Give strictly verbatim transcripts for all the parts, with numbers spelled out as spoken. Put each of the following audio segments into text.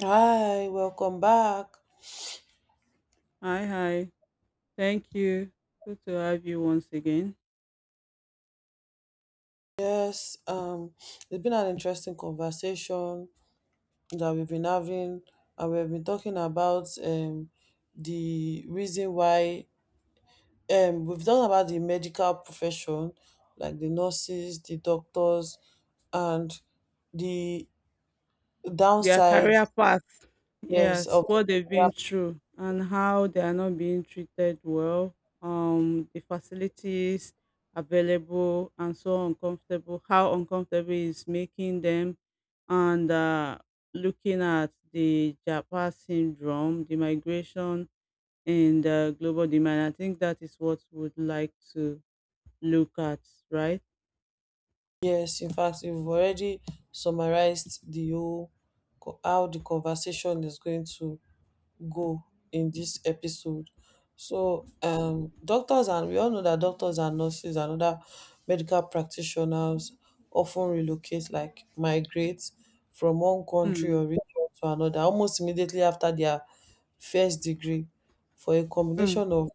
Hi, welcome back. Hi, hi. Thank you. Good to have you once again. Yes, um, it's been an interesting conversation that we've been having, and we've been talking about um the reason why um we've talked about the medical profession, like the nurses, the doctors, and the Their downside, career path, yes, yes, of what they've yeah, been through and how they are not being treated well. Um, the facilities available and so uncomfortable. How uncomfortable is making them, and uh, looking at the Japa syndrome, the migration, and the global demand. I think that is what we'd like to look at, right? yes. In fact, we've already summarized the whole co- how the conversation is going to go in this episode. So, um, doctors and we all know that doctors and nurses and other medical practitioners often relocate, like migrate from one country Mm, or region to another almost immediately after their first degree for a mm, combination of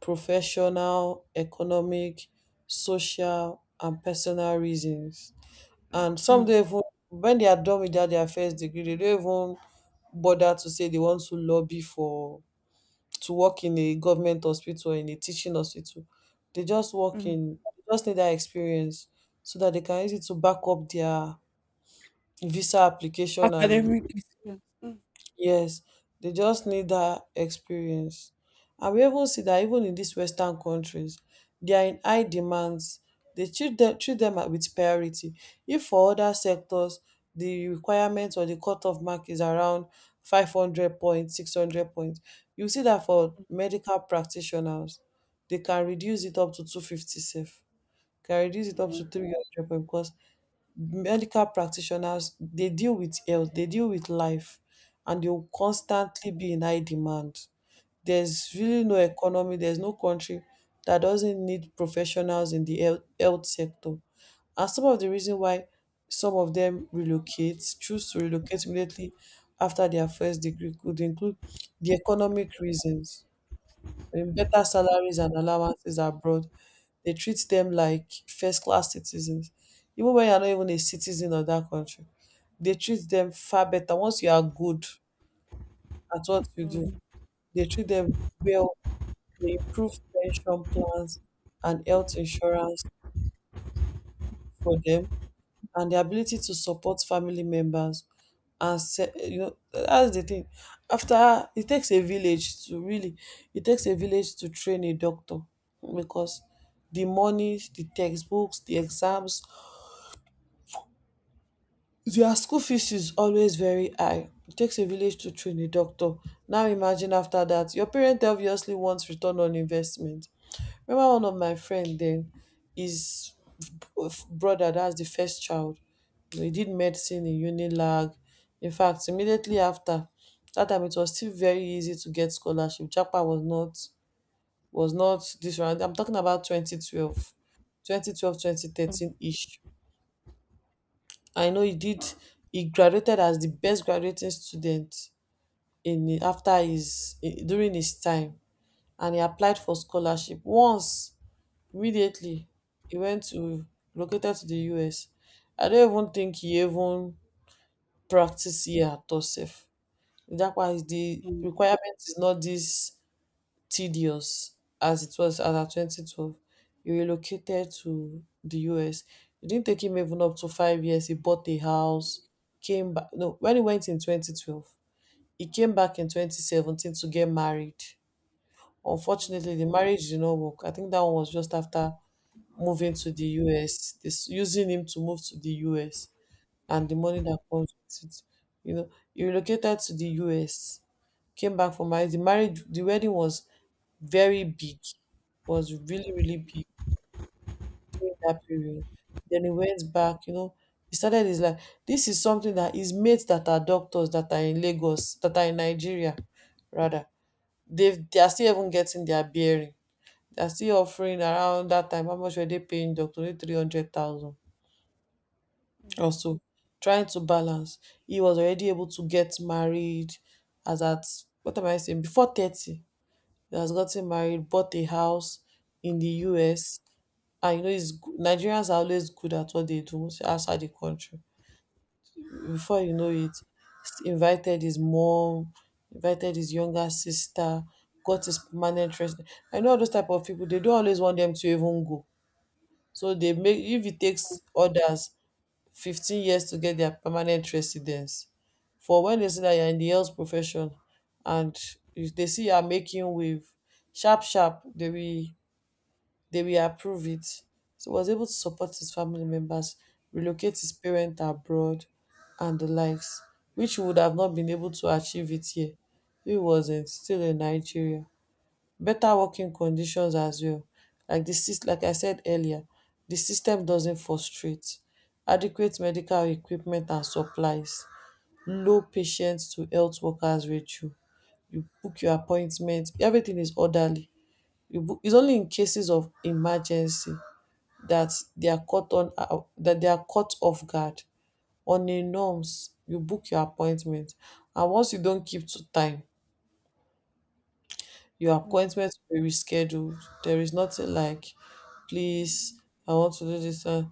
professional, economic, social, and personal reasons. And some mm. don't even, when they are done with their, their first degree, they don't even bother to say they want to lobby for to work in a government hospital or in a teaching hospital. They just work Mm. in, they just need that experience so that they can use it to back up their visa application After and every experience. Mm, yes, they just need that experience. And we even see that even in these Western countries, they are in high demands. They treat them, treat them with priority. If for other sectors, the requirement or the cutoff mark is around five hundred points, six hundred points, you see that for medical practitioners, they can reduce it up to two hundred fifty safe, can reduce it up mm, to three hundred points because medical practitioners they deal with health, they deal with life and they will constantly be in high demand. There's really no economy, there's no country that doesn't need professionals in the health health sector. And some of the reason why some of them relocate, choose to relocate immediately after their first degree could include the economic reasons, um better salaries and allowances abroad, they treat them like first class citizens. Even when you're not even a citizen of that country, they treat them far better. Once you are good at what you do, mm, they treat them well. They improve pension plans and health insurance for them, and the ability to support family members. And se- you know, that's the thing. After it takes a village to really, it takes a village to train a doctor because the money, the textbooks, the exams, their school fees is always very high. It takes a village to train a doctor. Now imagine after that, your parent obviously wants return on investment. Remember one of my friend then, his b- brother, that's the first child. He did medicine in Unilag. In fact, immediately after that time, it was still very easy to get scholarship. Japa was not was not this round. I'm talking about twenty twelve, twenty twelve twenty thirteen ish. I know he did. He graduated as the best graduating student in after his eh, during his time, and he applied for scholarship once. Immediately, he went to located to the U S. I don't even think he even practice here at all sef. That's why the mm, requirement is not this tedious as it was as at twenty twelve. He relocated to the U S. It didn't take him even up to five years. He bought a house, came back. No, when he went in twenty twelve, he came back in twenty seventeen to get married. mm, Unfortunately, the marriage did not work. I think that one was just after moving to the U S. This using him to move to the U S and the money that comes with it. You know, he relocated to the U S, came back for marriage. The marriage, the wedding was very big, was really, really big in that period. Then he went back, you know, he started his life. This is something that his mates that are doctors that are in Lagos, that are in Nigeria, rather, they've, they are still even getting their bearing. They're still offering around that time, how much were they paying doctor? Only three hundred thousand. Also trying to balance. He was already able to get married as at what am I saying? Before thirty, he has gotten married, bought a house in the U S. And you know, it's, go- Nigerians are always good at what they do outside the country. Before you know it, s- invited his mom, invited his younger sister, got his permanent resident. I know all those type of people, they don't always want them to even go. So they make, if it takes others fifteen years to get their permanent residence. For when they see that you're in the health profession and if they see you're making wave, sharp, sharp, they will they will approve it. So he was able to support his family members, relocate his parents abroad and the likes, which he would have not been able to achieve it here. If he wasn't still in Nigeria, better working conditions as well. Like the sys- like I said earlier, the system doesn't frustrate, adequate medical equipment and supplies, low patients to health workers ratio. You book your appointment, everything is orderly. You book, it's only in cases of emergency that they are caught on uh, that they are caught off guard. On a norms, you book your appointment, and once you don't keep to time, your mm. appointment will be rescheduled. There is nothing like, please, I want to do this. Uh,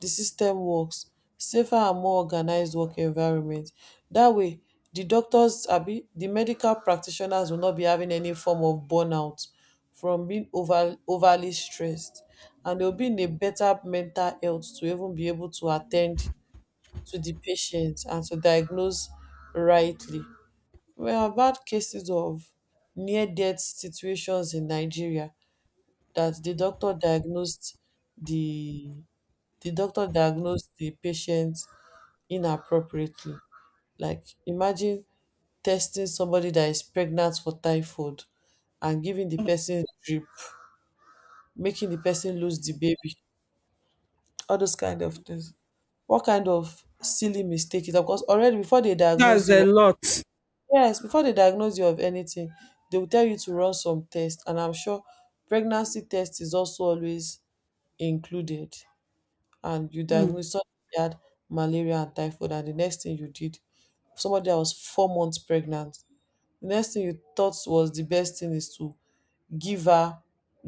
the system works. Safer and more organized work environment. That way, the doctors, abi the medical practitioners will not be having any form of burnout from being over, overly stressed. And they'll be in a better mental health to even be able to attend to the patient and to diagnose rightly. Well, bad cases of near death situations in Nigeria that the doctor diagnosed the the doctor diagnosed the patient inappropriately. Like imagine testing somebody that is pregnant for typhoid and giving the person drip, making the person lose the baby, all those kind of things. What kind of silly mistake is that? Because already before they That's diagnose a you, lot. yes, before they diagnose you of anything, they will tell you to run some tests, and I'm sure pregnancy test is also always included. And you Mm. diagnosed somebody had malaria and typhoid, and the next thing you did, somebody that was four months pregnant, the next thing you thought was the best thing is to give her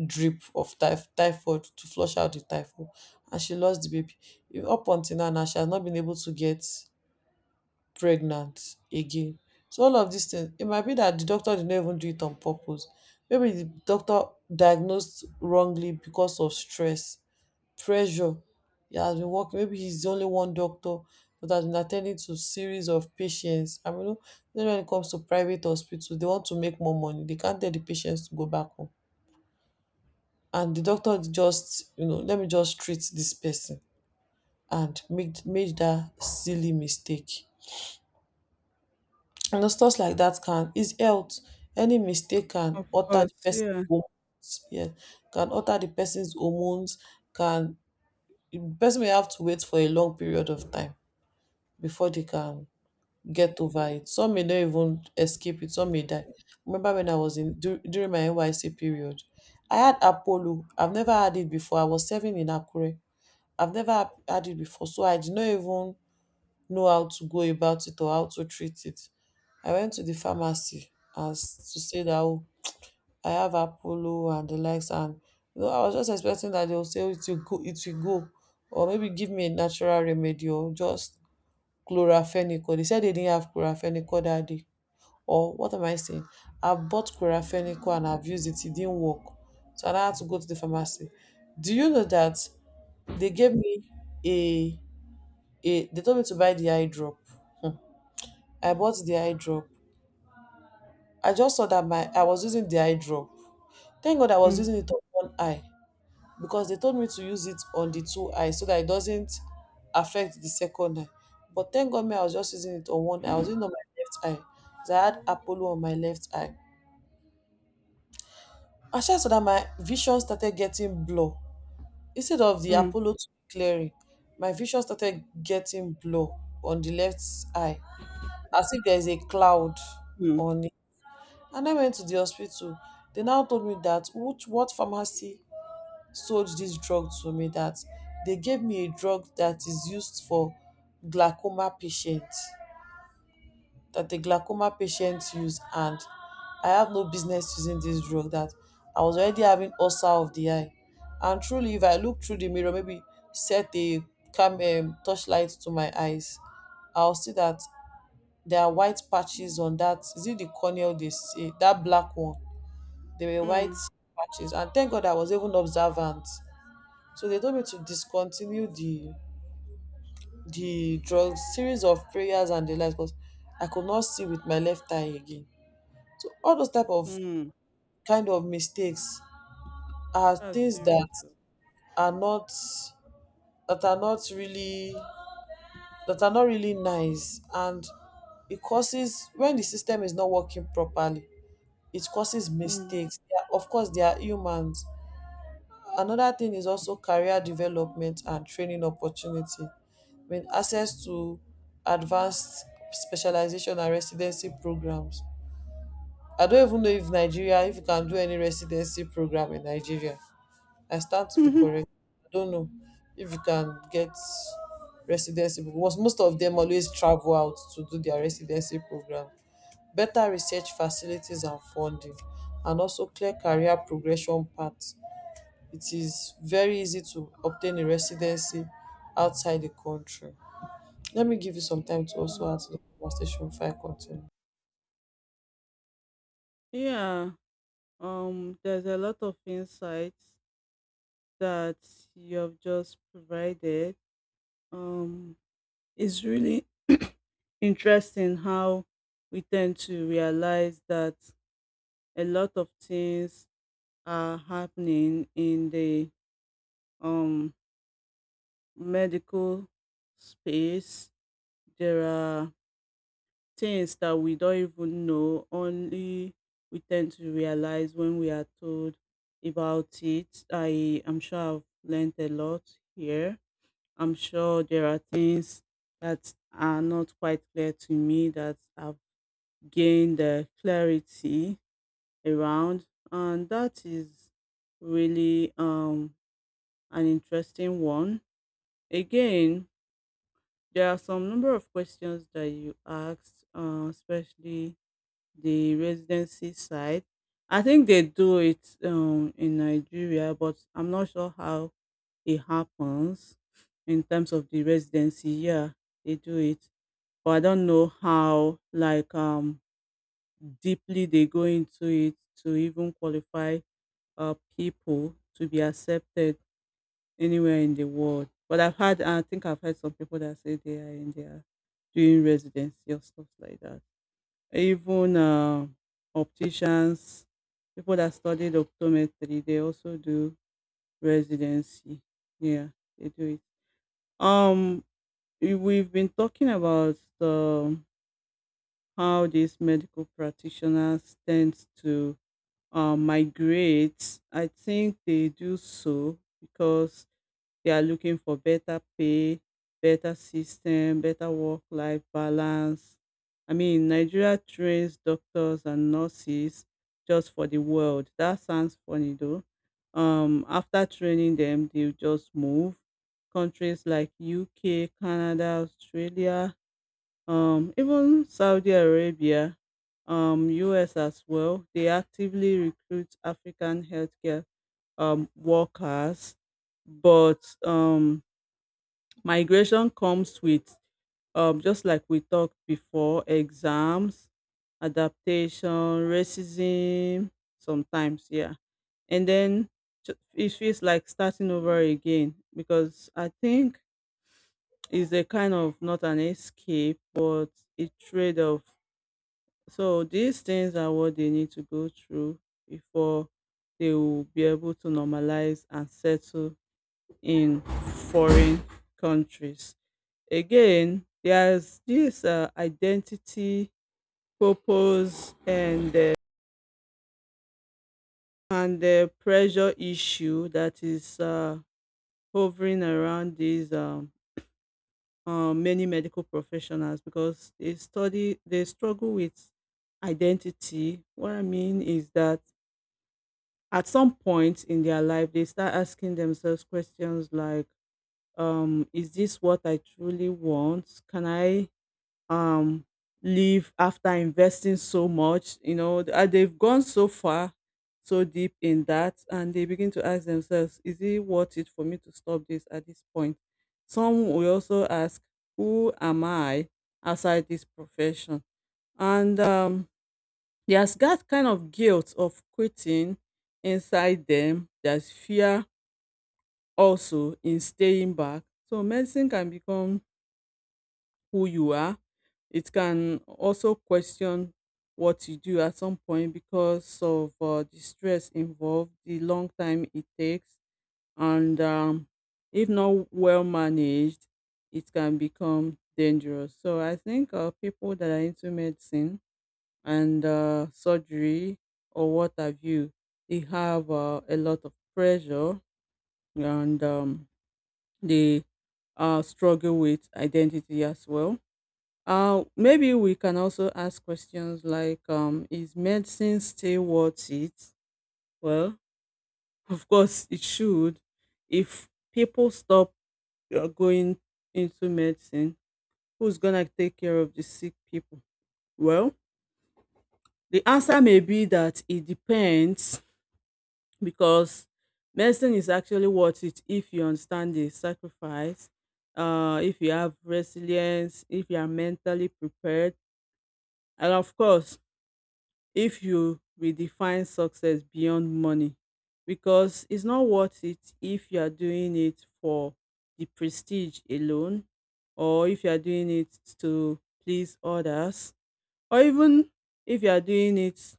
drip of typh- typhoid to flush out the typhoid, and she lost the baby. Up until now, now she has not been able to get pregnant again. So all of dis thing e might be dat di doctor did not even do it on purpose, maybe di doctor diagnosed wrongly because of stress, pressure, e has been working maybe he's only one doctor but has been at ten ding to series of patients and we know then when it comes to private hospital dey want to make more money, dey can't tell di patients to go back home and di doctor just you know let me just treat dis person and make make dat silly mistake. You know, stuff like that can is health. Any mistake can Of alter the course, person's yeah. hormones. Yeah, can alter the person's hormones. Can the person may have to wait for a long period of time before they can get over it. Some may not even escape it. Some may die. Remember when I was in dur- during my N Y C period, I had Apollo. I've never had it before. I was serving in Akure. I've never had it before, so I did not even know how to go about it or how to treat it. I went to the pharmacy as to say that oh, I have Apollo and the likes, and you know, I was just expecting that they will say "Oh, it will go, it will go, or maybe give me a natural remedy or just chloraphenicol. They said they didn't have chloraphenicol that day. Or what am I saying? I bought chloraphenicol and I've used it, it didn't work. So I now had to go to the pharmacy. Do you know that they gave me a a they told me to buy the eye drop? Hmm. I bought the eye drop. I just saw that my I was using the eye drop. Thank God I was Mm. using it on one eye because they told me to use it on the two eyes so that it doesn't affect the second eye. But thank God me, I was just using it on one eye. I was using it on my left eye, 'cause I had Apollo on my left eye. I just saw that my vision started getting blur. Instead of the Mm. Apollo to be clearing, my vision started getting blur on the left eye. As if there is a cloud Mm. on. And I went to the hospital. They now told me that which what pharmacy sold this drug to me, that they gave me a drug that is used for glaucoma patients that the glaucoma patients use and I have no business using this drug, that I was already having ulcer of the eye. And truly if I look through the mirror, maybe set a cam um torchlight to my eyes, I'll see that there are white patches on, that is it, the cornea they say, that black one, there were white Mm. patches, and thank God I was even observant. So they told me to discontinue the the drug, series of prayers and the like, because I could not see with my left eye again. So all those type of Mm. kind of mistakes are That's things that serious. Oh. are not that are not really that are not really nice, and it causes, when the system is not working properly it causes Mm. mistakes. They are- of course they are humans. Another thing is also career development and training opportunity, with access to advanced specialization and residency programs. I don't even know if Nigeria, if you can do any residency program in Nigeria. I stand to be correct. I don't know if you can get residency, because most of them always travel out to do their residency program. Better research facilities and funding, and also clear career progression paths, it is very easy to obtain a residency outside the country. Let me give you some time to also Mm. answer the conversation before I continue. Yeah. Um, there's a lot of insights that you have just provided. Um, it's really interesting how we tend to realize that a lot of things are happening in the um medical space. There are things that we don't even know, only we tend to realize when we are told about it. I am sure I've learned a lot here. I'm sure there are things that are not quite clear to me that I've gained uh, clarity around, and that is really um an interesting one. Again, there are some number of questions that you asked, uh, especially the residency side. I think they do it um, in Nigeria, but I'm not sure how it happens in terms of the residency. Yeah, they do it, but I don't know how like um deeply they go into it to even qualify uh people to be accepted anywhere in the world. But I've had, I think I've heard some people that say they are in their doing residency or stuff like that. Even uh, opticians, people that studied optometry, they also do residency. Yeah, they do it. Um, we- we've been talking about the, how these medical practitioners tend to uh, migrate. I think they do so because they are looking for better pay, better system, better work-life balance. I mean, Nigeria trains doctors and nurses just for the world. That sounds funny though. Um, after training them, they just move. Countries like U K, Canada, Australia, um, even Saudi Arabia, um, U S as well. They actively recruit African healthcare um, workers, but um, migration comes with, um, just like we talked before, exams, adaptation, racism, sometimes, yeah. And then ju- it feels like starting over again because I think it's a kind of not an escape, but a trade off. So these things are what they need to go through before they will be able to normalize and settle in foreign countries. Again, there's this uh, identity, purpose, and uh, and the pressure issue that is uh, hovering around these um, uh, many medical professionals because they study they struggle with identity. What I mean is that at some point in their life, they start asking themselves questions like, um, "Is this what I truly want? Can I um leave after investing so much, you know, th- uh, they've gone so far, so deep in that, and they begin to ask themselves, is it worth it for me to stop this at this point? Some will also ask, who am I outside this profession? And um there's that kind of guilt of quitting inside them. There's fear also in staying back. So medicine can become who you are. It can also question what you do at some point because of uh, the stress involved, the long time it takes, and um, if not well managed, it can become dangerous. So I think uh, people that are into medicine and uh, surgery or what have you, they have uh, a lot of pressure and um, they uh, struggle with identity as well. Uh, maybe we can also ask questions like, um, is medicine still worth it? Well, of course, it should. If people stop uh, going into medicine, who's gonna take care of the sick people? Well, the answer may be that it depends, because medicine is actually worth it if you understand the sacrifice, uh, if you have resilience, if you are mentally prepared, and of course, if you redefine success beyond money, because it's not worth it if you are doing it for the prestige alone, or if you are doing it to please others, or even if you are doing it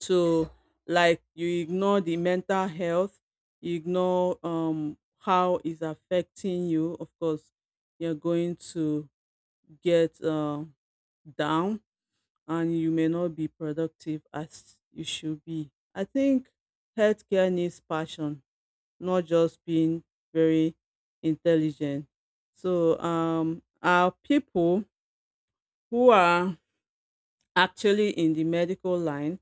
to, like, you ignore the mental health, you ignore um how it's affecting you. Of course, you're going to get um down, and you may not be productive as you should be. I think healthcare needs passion, not just being very intelligent. So, um, our people who are actually in the medical line,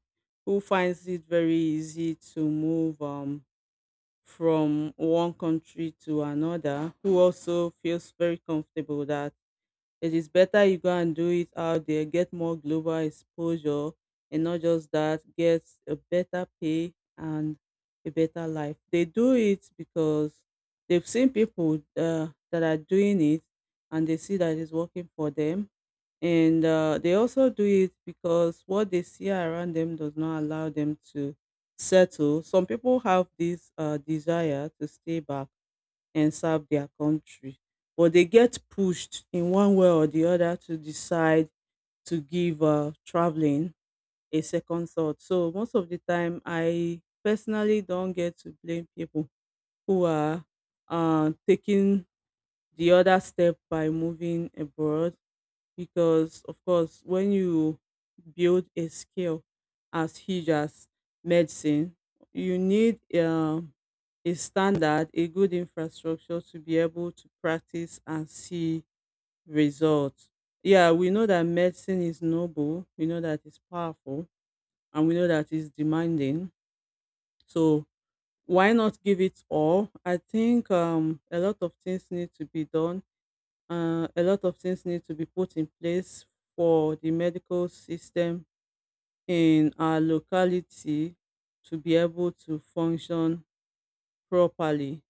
who finds it very easy to move um, from one country to another, who also feels very comfortable that it is better you go and do it out there, get more global exposure, and not just that, get a better pay and a better life. They do it because they've seen people uh, that are doing it and they see that it's working for them. And uh, they also do it because what they see around them does not allow them to settle. Some people have this uh, desire to stay back and serve their country. But they get pushed in one way or the other to decide to give uh, traveling a second thought. So most of the time, I personally don't get to blame people who are uh, taking the other step by moving abroad, because of course when you build a skill as huge as medicine, you need um, a standard, a good infrastructure to be able to practice and see results. Yeah, we know that medicine is noble, we know that it's powerful, and we know that it's demanding. So why not give it all? I think um, a lot of things need to be done, uh, a lot of things need to be put in place for the medical system in our locality to be able to function properly.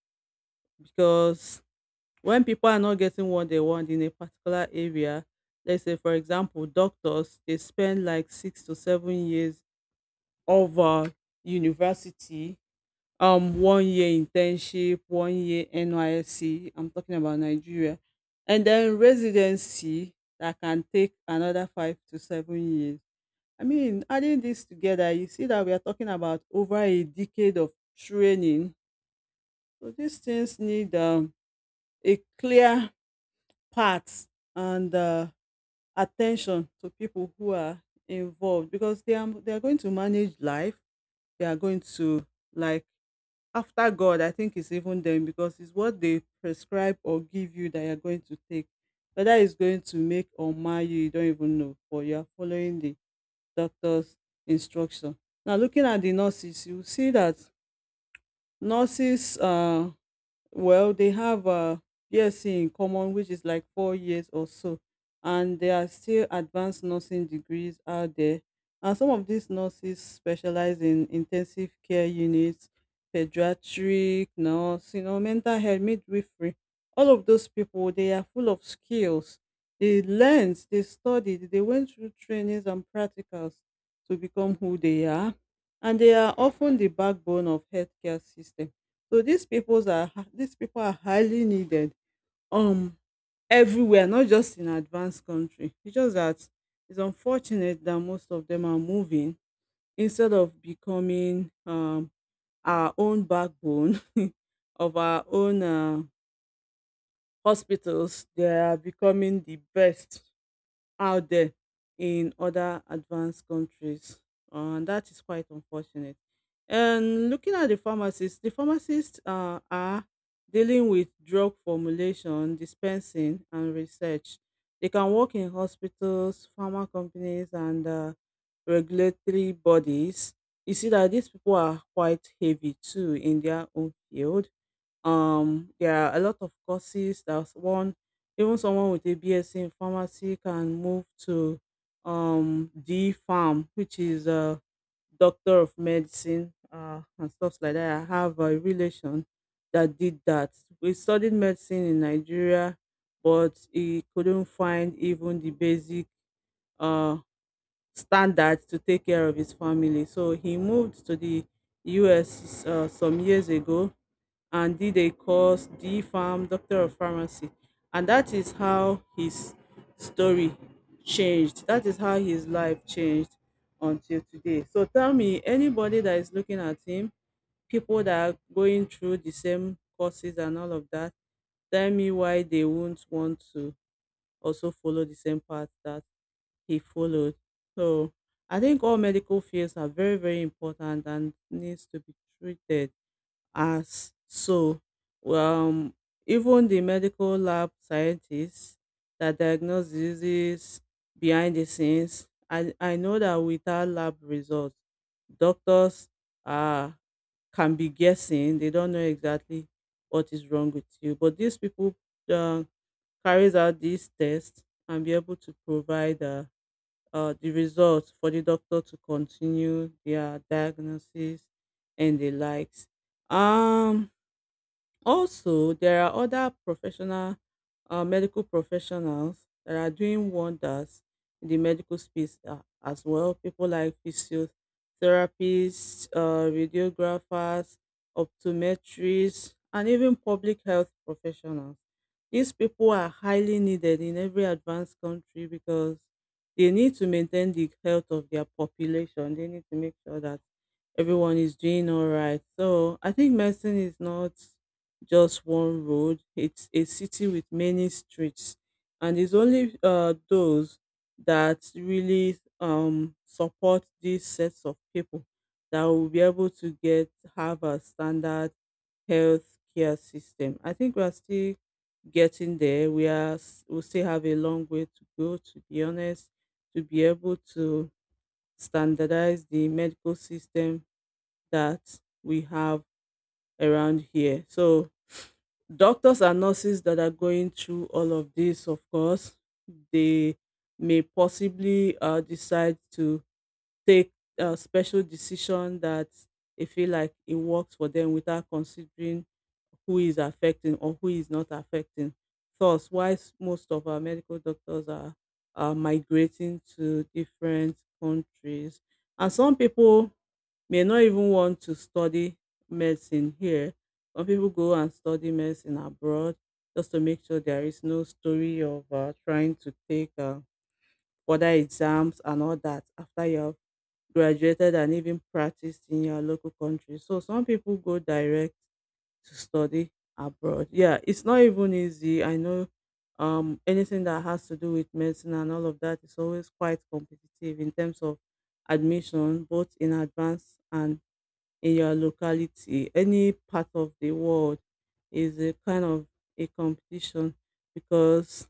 Because when people are not getting what they want in a particular area, let's say for example, doctors, they spend like six to seven years of uh, university, um one year internship, one year N Y S C. I'm talking about Nigeria. And then residency that can take another five to seven years. I mean, adding this together, you see that we are talking about over a decade of training. So these things need um, a clear path and uh, attention to people who are involved, because they are they are going to manage life. They are going to, like, after God, I think it's even them, because it's what they prescribe or give you that you're going to take. Whether it's going to make or mar you, you don't even know, but you are following the doctor's instruction. Now, looking at the nurses, you will see that nurses uh, well, they have a B S c in common, which is like four years or so, and there are still advanced nursing degrees out there. And some of these nurses specialize in intensive care units, pediatric nurse, you know, mental health, midwifery. All of those people, they are full of skills. They learned, they studied, they went through trainings and practicals to become who they are, and they are often the backbone of healthcare system. So these peoples are hi- these people are highly needed um everywhere, not just in advanced country. It's just that it's unfortunate that most of them are moving instead of becoming um our own backbone of our own uh, hospitals. They are becoming the best out there in other advanced countries, uh, and that is quite unfortunate. And looking at the pharmacists, the pharmacists uh, are dealing with drug formulation, dispensing, and research. They can work in hospitals, pharma companies, and uh, regulatory bodies. You see that these people are quite heavy too in their own field. Um, there are a lot of courses that one, even someone with a B S c in pharmacy can move to, um D Farm, which is a doctor of medicine, uh, and stuff like that. I have a relation that did that. We studied medicine in Nigeria, but he couldn't find even the basic uh standard to take care of his family. So he moved to the U S uh, some years ago and did a course, D Farm, Doctor of Pharmacy. And that is how his story changed. That is how his life changed until today. So tell me, anybody that is looking at him, people that are going through the same courses and all of that, tell me why they won't want to also follow the same path that he followed. So I think all medical fields are very, very important and needs to be treated as so, um even the medical lab scientists that diagnose diseases behind the scenes. I i know that without lab results, doctors uh can be guessing. They don't know exactly what is wrong with you, but these people uh, carries out these tests and be able to provide uh, uh, the results for the doctor to continue their diagnosis and the likes. um Also, there are other professional uh, medical professionals that are doing wonders in the medical space uh, as well. People like physiotherapists, uh, radiographers, optometrists, and even public health professionals. These people are highly needed in every advanced country because they need to maintain the health of their population. They need to make sure that everyone is doing all right. So I think medicine is not just one road. It's a city with many streets, and it's only uh, those that really um, support these sets of people that will be able to get have a standard health care system. I think we are still getting there. We are s- we still have a long way to go. To be honest, to be able to standardize the medical system that we have around here. So doctors and nurses that are going through all of this, of course, they may possibly uh, decide to take a special decision that they feel like it works for them without considering who is affecting or who is not affecting. Thus, why s- most of our medical doctors are, are migrating to different countries. And some people may not even want to study medicine here. Some people go and study medicine abroad just to make sure there is no story of uh, trying to take uh, further exams and all that after you have graduated and even practiced in your local country. So some people go direct to study abroad. Yeah, it's not even easy. I know um anything that has to do with medicine and all of that is always quite competitive in terms of admission, both in advance and in your locality. Any part of the world is a kind of a competition because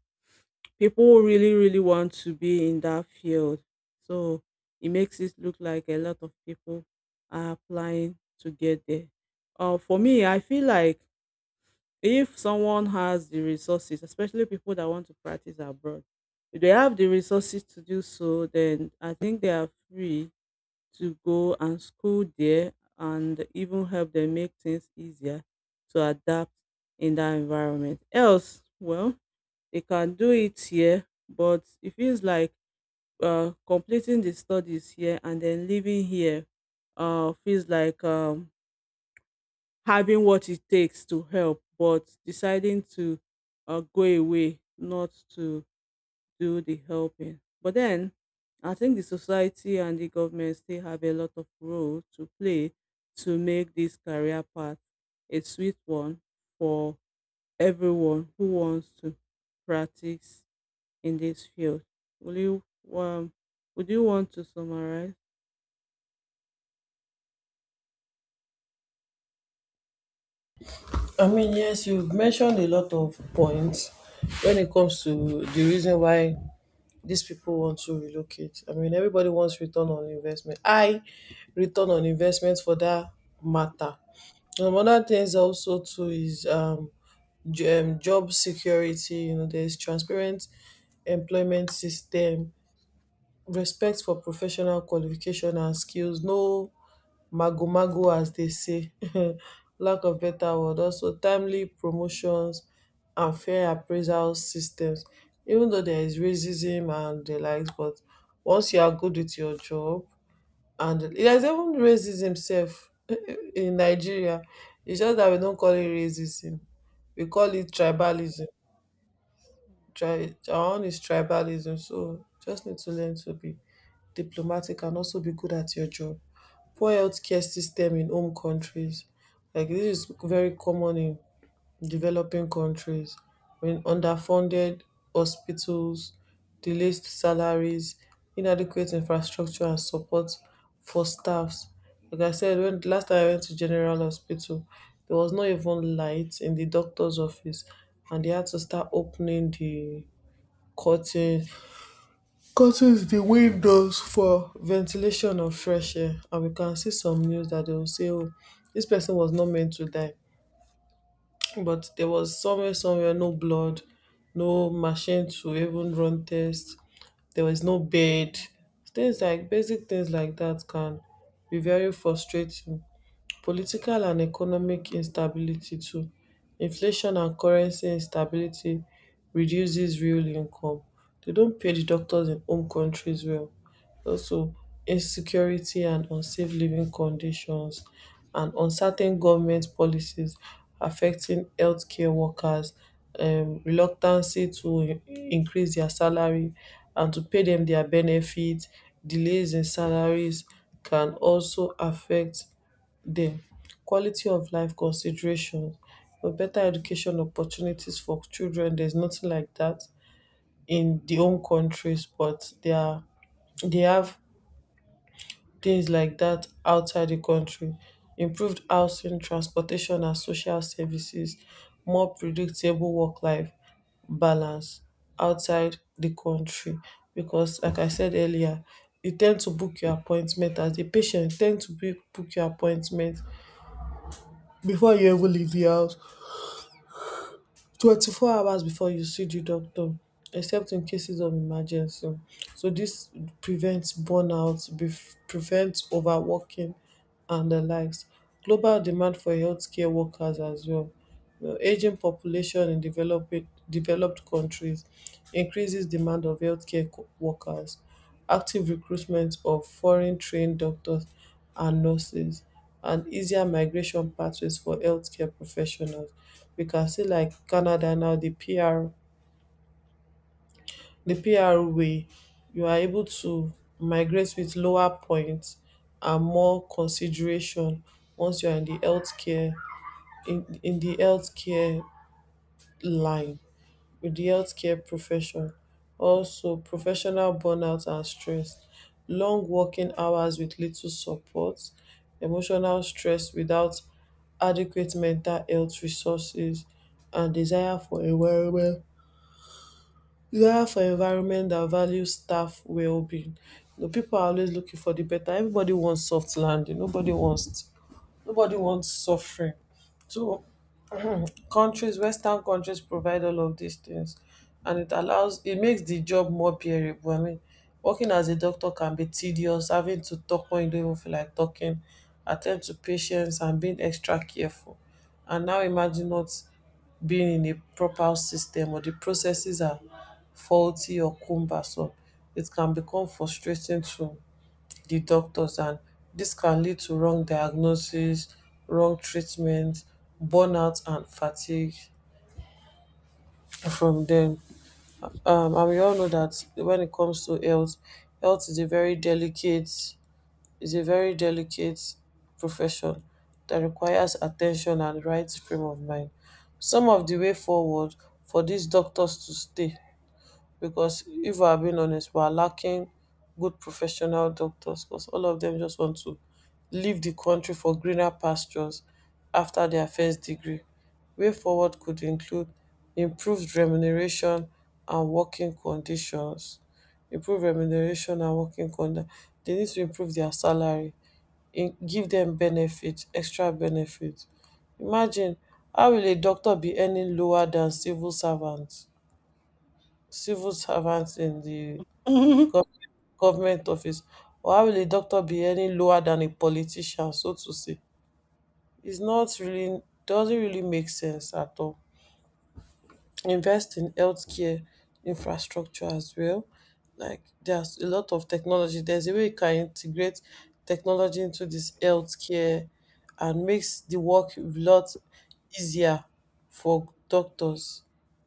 people really, really want to be in that field, so it makes it look like a lot of people are applying to get there. Uh, for me, I feel like if someone has the resources, especially people that want to practice abroad, if they have the resources to do so, then I think they are free to go and school there and even help them make things easier to adapt in that environment. Else well, they can do it here, but it feels like uh, completing the studies here and then living here uh, feels like um, having what it takes to help, but deciding to uh, go away, not to do the helping. But then I think the society and the government still have a lot of role to play to make this career path a sweet one for everyone who wants to practice in this field. Will you um, would you want to summarize? I mean, yes, you've mentioned a lot of points when it comes to the reason why these people want to relocate. I mean, everybody wants return on investment. I Return on investment for that matter. Um, other things also too is, um, j- um job security. You know, there's transparent employment system, respect for professional qualification and skills, no mago mago as they say, lack of better word, also timely promotions and fair appraisal systems. Even though there is racism and the likes, but once you are good with your job, and there's even racism self in Nigeria. It's just that we don't call it racism. We call it tribalism. Tri- our own is tribalism, so just need to learn to be diplomatic and also be good at your job. Poor healthcare system in home countries, like this is very common in developing countries. When underfunded hospitals, delayed salaries, inadequate infrastructure and support for staffs. Like I said, when the last time I went to General Hospital, there was not even light in the doctor's office, and they had to start opening the curtain curtains, the windows, for ventilation of fresh air. And we can see some news that they will say, oh, this person was not meant to die, but there was somewhere, somewhere no blood, no machine to even run test, there was no bed. Things, like basic things like that, can be very frustrating. Political and economic instability too, inflation and currency instability reduces real income. They don't pay the doctors in home countries well. Also, insecurity and unsafe living conditions, and uncertain government policies affecting healthcare workers, um, reluctancy to i- increase their salary and to pay them their benefits, delays in salaries can also affect dem. Quality of life considerations, for better education opportunities for children, there's nothing like that in the own countries, but they are, they have things like that outside the country. Improved housing, transportation and social services, more predictable work life balance outside the country. Because like I said earlier, you tend to book your appointment as a patient, you ten d to book book your appointment before you even leave the house, twenty-four hours before you see the doctor, except in cases of emergency. So this prevents burnout, bef- prevents overworking and the likes. Global demand for healthcare workers as well. Well, aging population in developing developed countries increases demand of healthcare co- workers, active recruitment of foreign trained doctors and nurses, and easier migration pathways for healthcare professionals. We can see like Canada now, the P R the P R way, you are able to migrate with lower points and more consideration once you are in the healthcare, in in the healthcare line, with the healthcare profession. Also, professional burnout and stress, long working hours with little support, emotional stress without adequate mental health resources, and desire for environment desire for environment that values staff well-being. You know, people are always looking for the better. Everybody wants soft landing. Nobody wants nobody wants suffering. So countries, western countries, provide all of these things, and it allows it makes the job more bearable. I mean, working as a doctor can be tedious, having to talk when you don't even feel like talking, attend to patients and being extra careful. And now imagine not being in a proper system, or the processes are faulty or cumbersome. It can become frustrating too, the doctors, and this can lead to wrong diagnosis, wrong treatment, burnout and fatigue from them. Um, and we all know that when it comes to health, health is a very delicate is a very delicate profession that requires attention and right frame of mind. Some of the way forward for these doctors to stay, because if we're being honest, we're lacking good professional doctors because all of them just want to leave the country for greener pastures after their first degree. Way forward could include improved remuneration and working conditions. Improve remuneration and working conditions. They need to improve their salary, in, give them benefits, extra benefits. Imagine how will a doctor be earning lower than civil servants? Civil servant in the Mm. gov- government office, or how will a doctor be any lower than a politician, so to say. It's not really Doesn't really make sense at all. Invest in healthcare infrastructure as well. Like there's a lot of technology. There's a way you can integrate technology into this healthcare and makes the work a lot easier for doctors,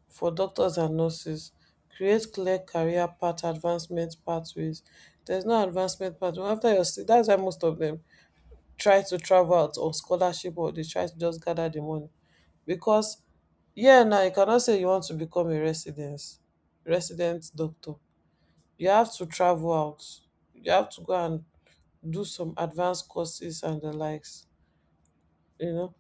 for doctors and nurses. Create clear career path advancement pathways. There's no advancement pathway. After your stu- that's why most of them try to travel out on scholarship, or they try to just gather the money. Because yeah, now you cannot say you want to become a residence resident doctor. You have to travel out. You have to go and do some advanced courses and the likes, you know,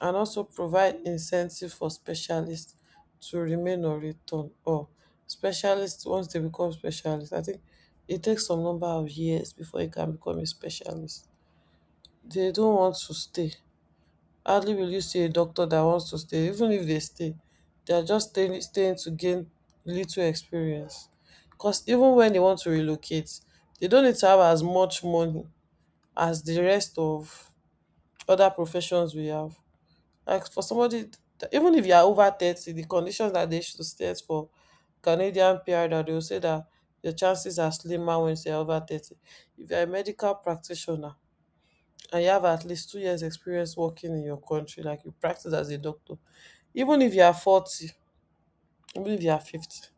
and also provide incentive for specialists to remain or return, or specialists once they become specialists. I think it takes some number of years before you can become a specialist. They don't want to stay. Hardly will you see a doctor that wants to stay. Even if they stay, they are just staying, staying to gain little experience, because even when they want to relocate, they don't need to have as much money as the rest of other professions we have. Like for somebody that- even if you are over thirty, the conditions that they should stay for, canadian PR, that they will say that your chances are slimmer when you're over thirty. If you're a medical practitioner and you have at least two years experience working in your country, like you practice as a doctor, even if you are forty, even if you are fifty,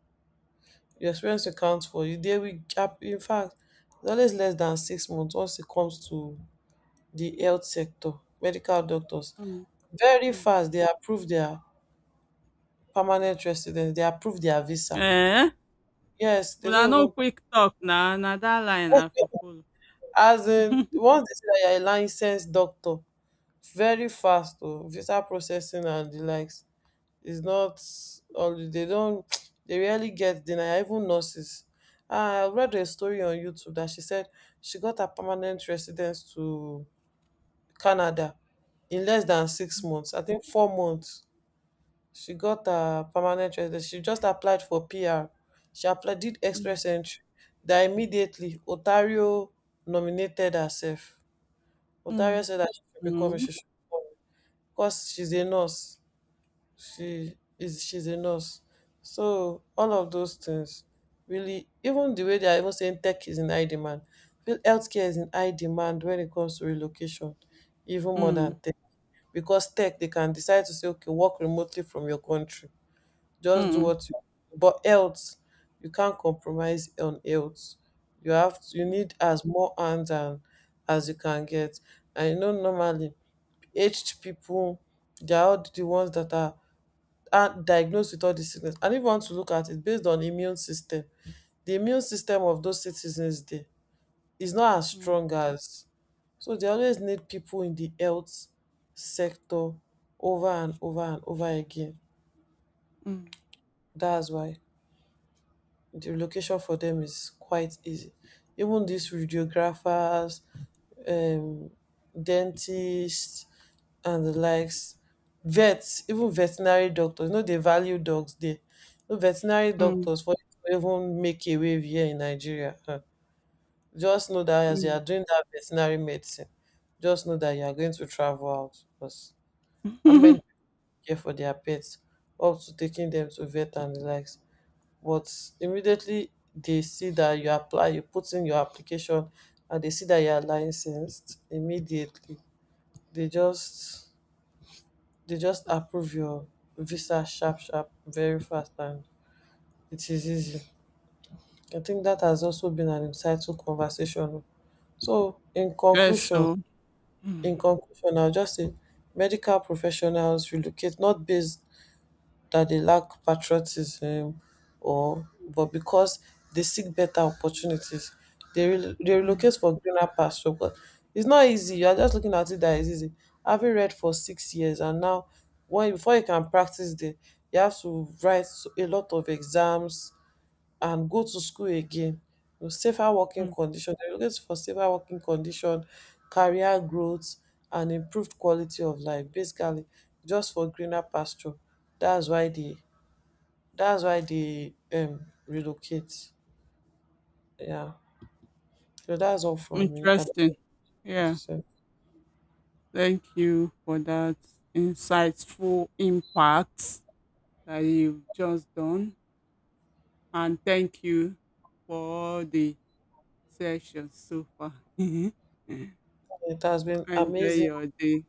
your experience will count for you. There will gap. In fact, it's always less than six months once it comes to the health sector, medical doctors. Mm, Very mm. fast, they approve their permanent residence, they approve their visa. Eh? Yes, they Una don't no even, quick talk na na that line I for follow. as in once they say that you're a licensed doctor, very fast oh, visa processing and the likes. It's not, all they don't, they rarely get denied, even nurses. Ah, I read a story on YouTube that she said she got her permanent residence to Canada in less than six months. I think four months. She got her permanent residence. She just applied for P R. She applied, did Mm, express entry. That immediately Otario nominated herself. Otario mm. said that she should become a, Mm, she because she's a nurse. She is she's a nurse. So all of those things really, even the way they are even saying tech is in high demand, feel healthcare is in high demand when it comes to relocation, even more than tech. Because tech they can decide to say, okay, work remotely from your country. mm, Just do mm, what you, but health, you can't compromise on health. You have to, you need as more hands and as you can get. I know normally aged people, they are all the ones that are uh, diagnosed with all the sickness. And if you want to look at it based on immune system, the immune system of those citizens there is not as mm, strong as. So they always need people in the health sector over and over and over again. mm, mm, That's why the relocation for them is quite easy. Even these radiographers, um, dentists and the likes, vets, even veterinary doctors. You know, they value dogs there. No veterinary mm, doctors for you to even make a wave here in Nigeria. Huh, just know that as you are mm. doing that veterinary medicine, just know that you are going to travel out because I meant, care for their pets, up to taking them to vet and the likes. But immediately they see that you apply, you put in your application, and they see that you are licensed, immediately they just, they just approve your visa sharp sharp, very fast, and it is easy. I think that has also been an insightful conversation. So in Yes, conclusion, so mm, in conclusion I'll just say medical professionals relocate not based that they lack patriotism, or, but because they seek better opportunities. They, rel they relocate mm. for greener pasture, but it's not easy. You are just looking at it that it's easy, having read for six years and now, when before you can practice there, you have to write a lot of exams and go to school again. You know, safer working Mm. condition. They're looking for safer working condition, career growth, and improved quality of life. Basically, just for greener pasture. That's why they, that's why they um relocate. Yeah. So that's all from me. I don't know Interesting. what to Yeah, say. thank you for that insightful impact that you've just done. And thank you for all the sessions so far. Enjoy It has been amazing. your day.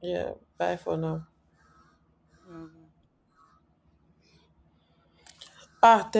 Yeah. Bye for now. Yeah, bye. Ah, thank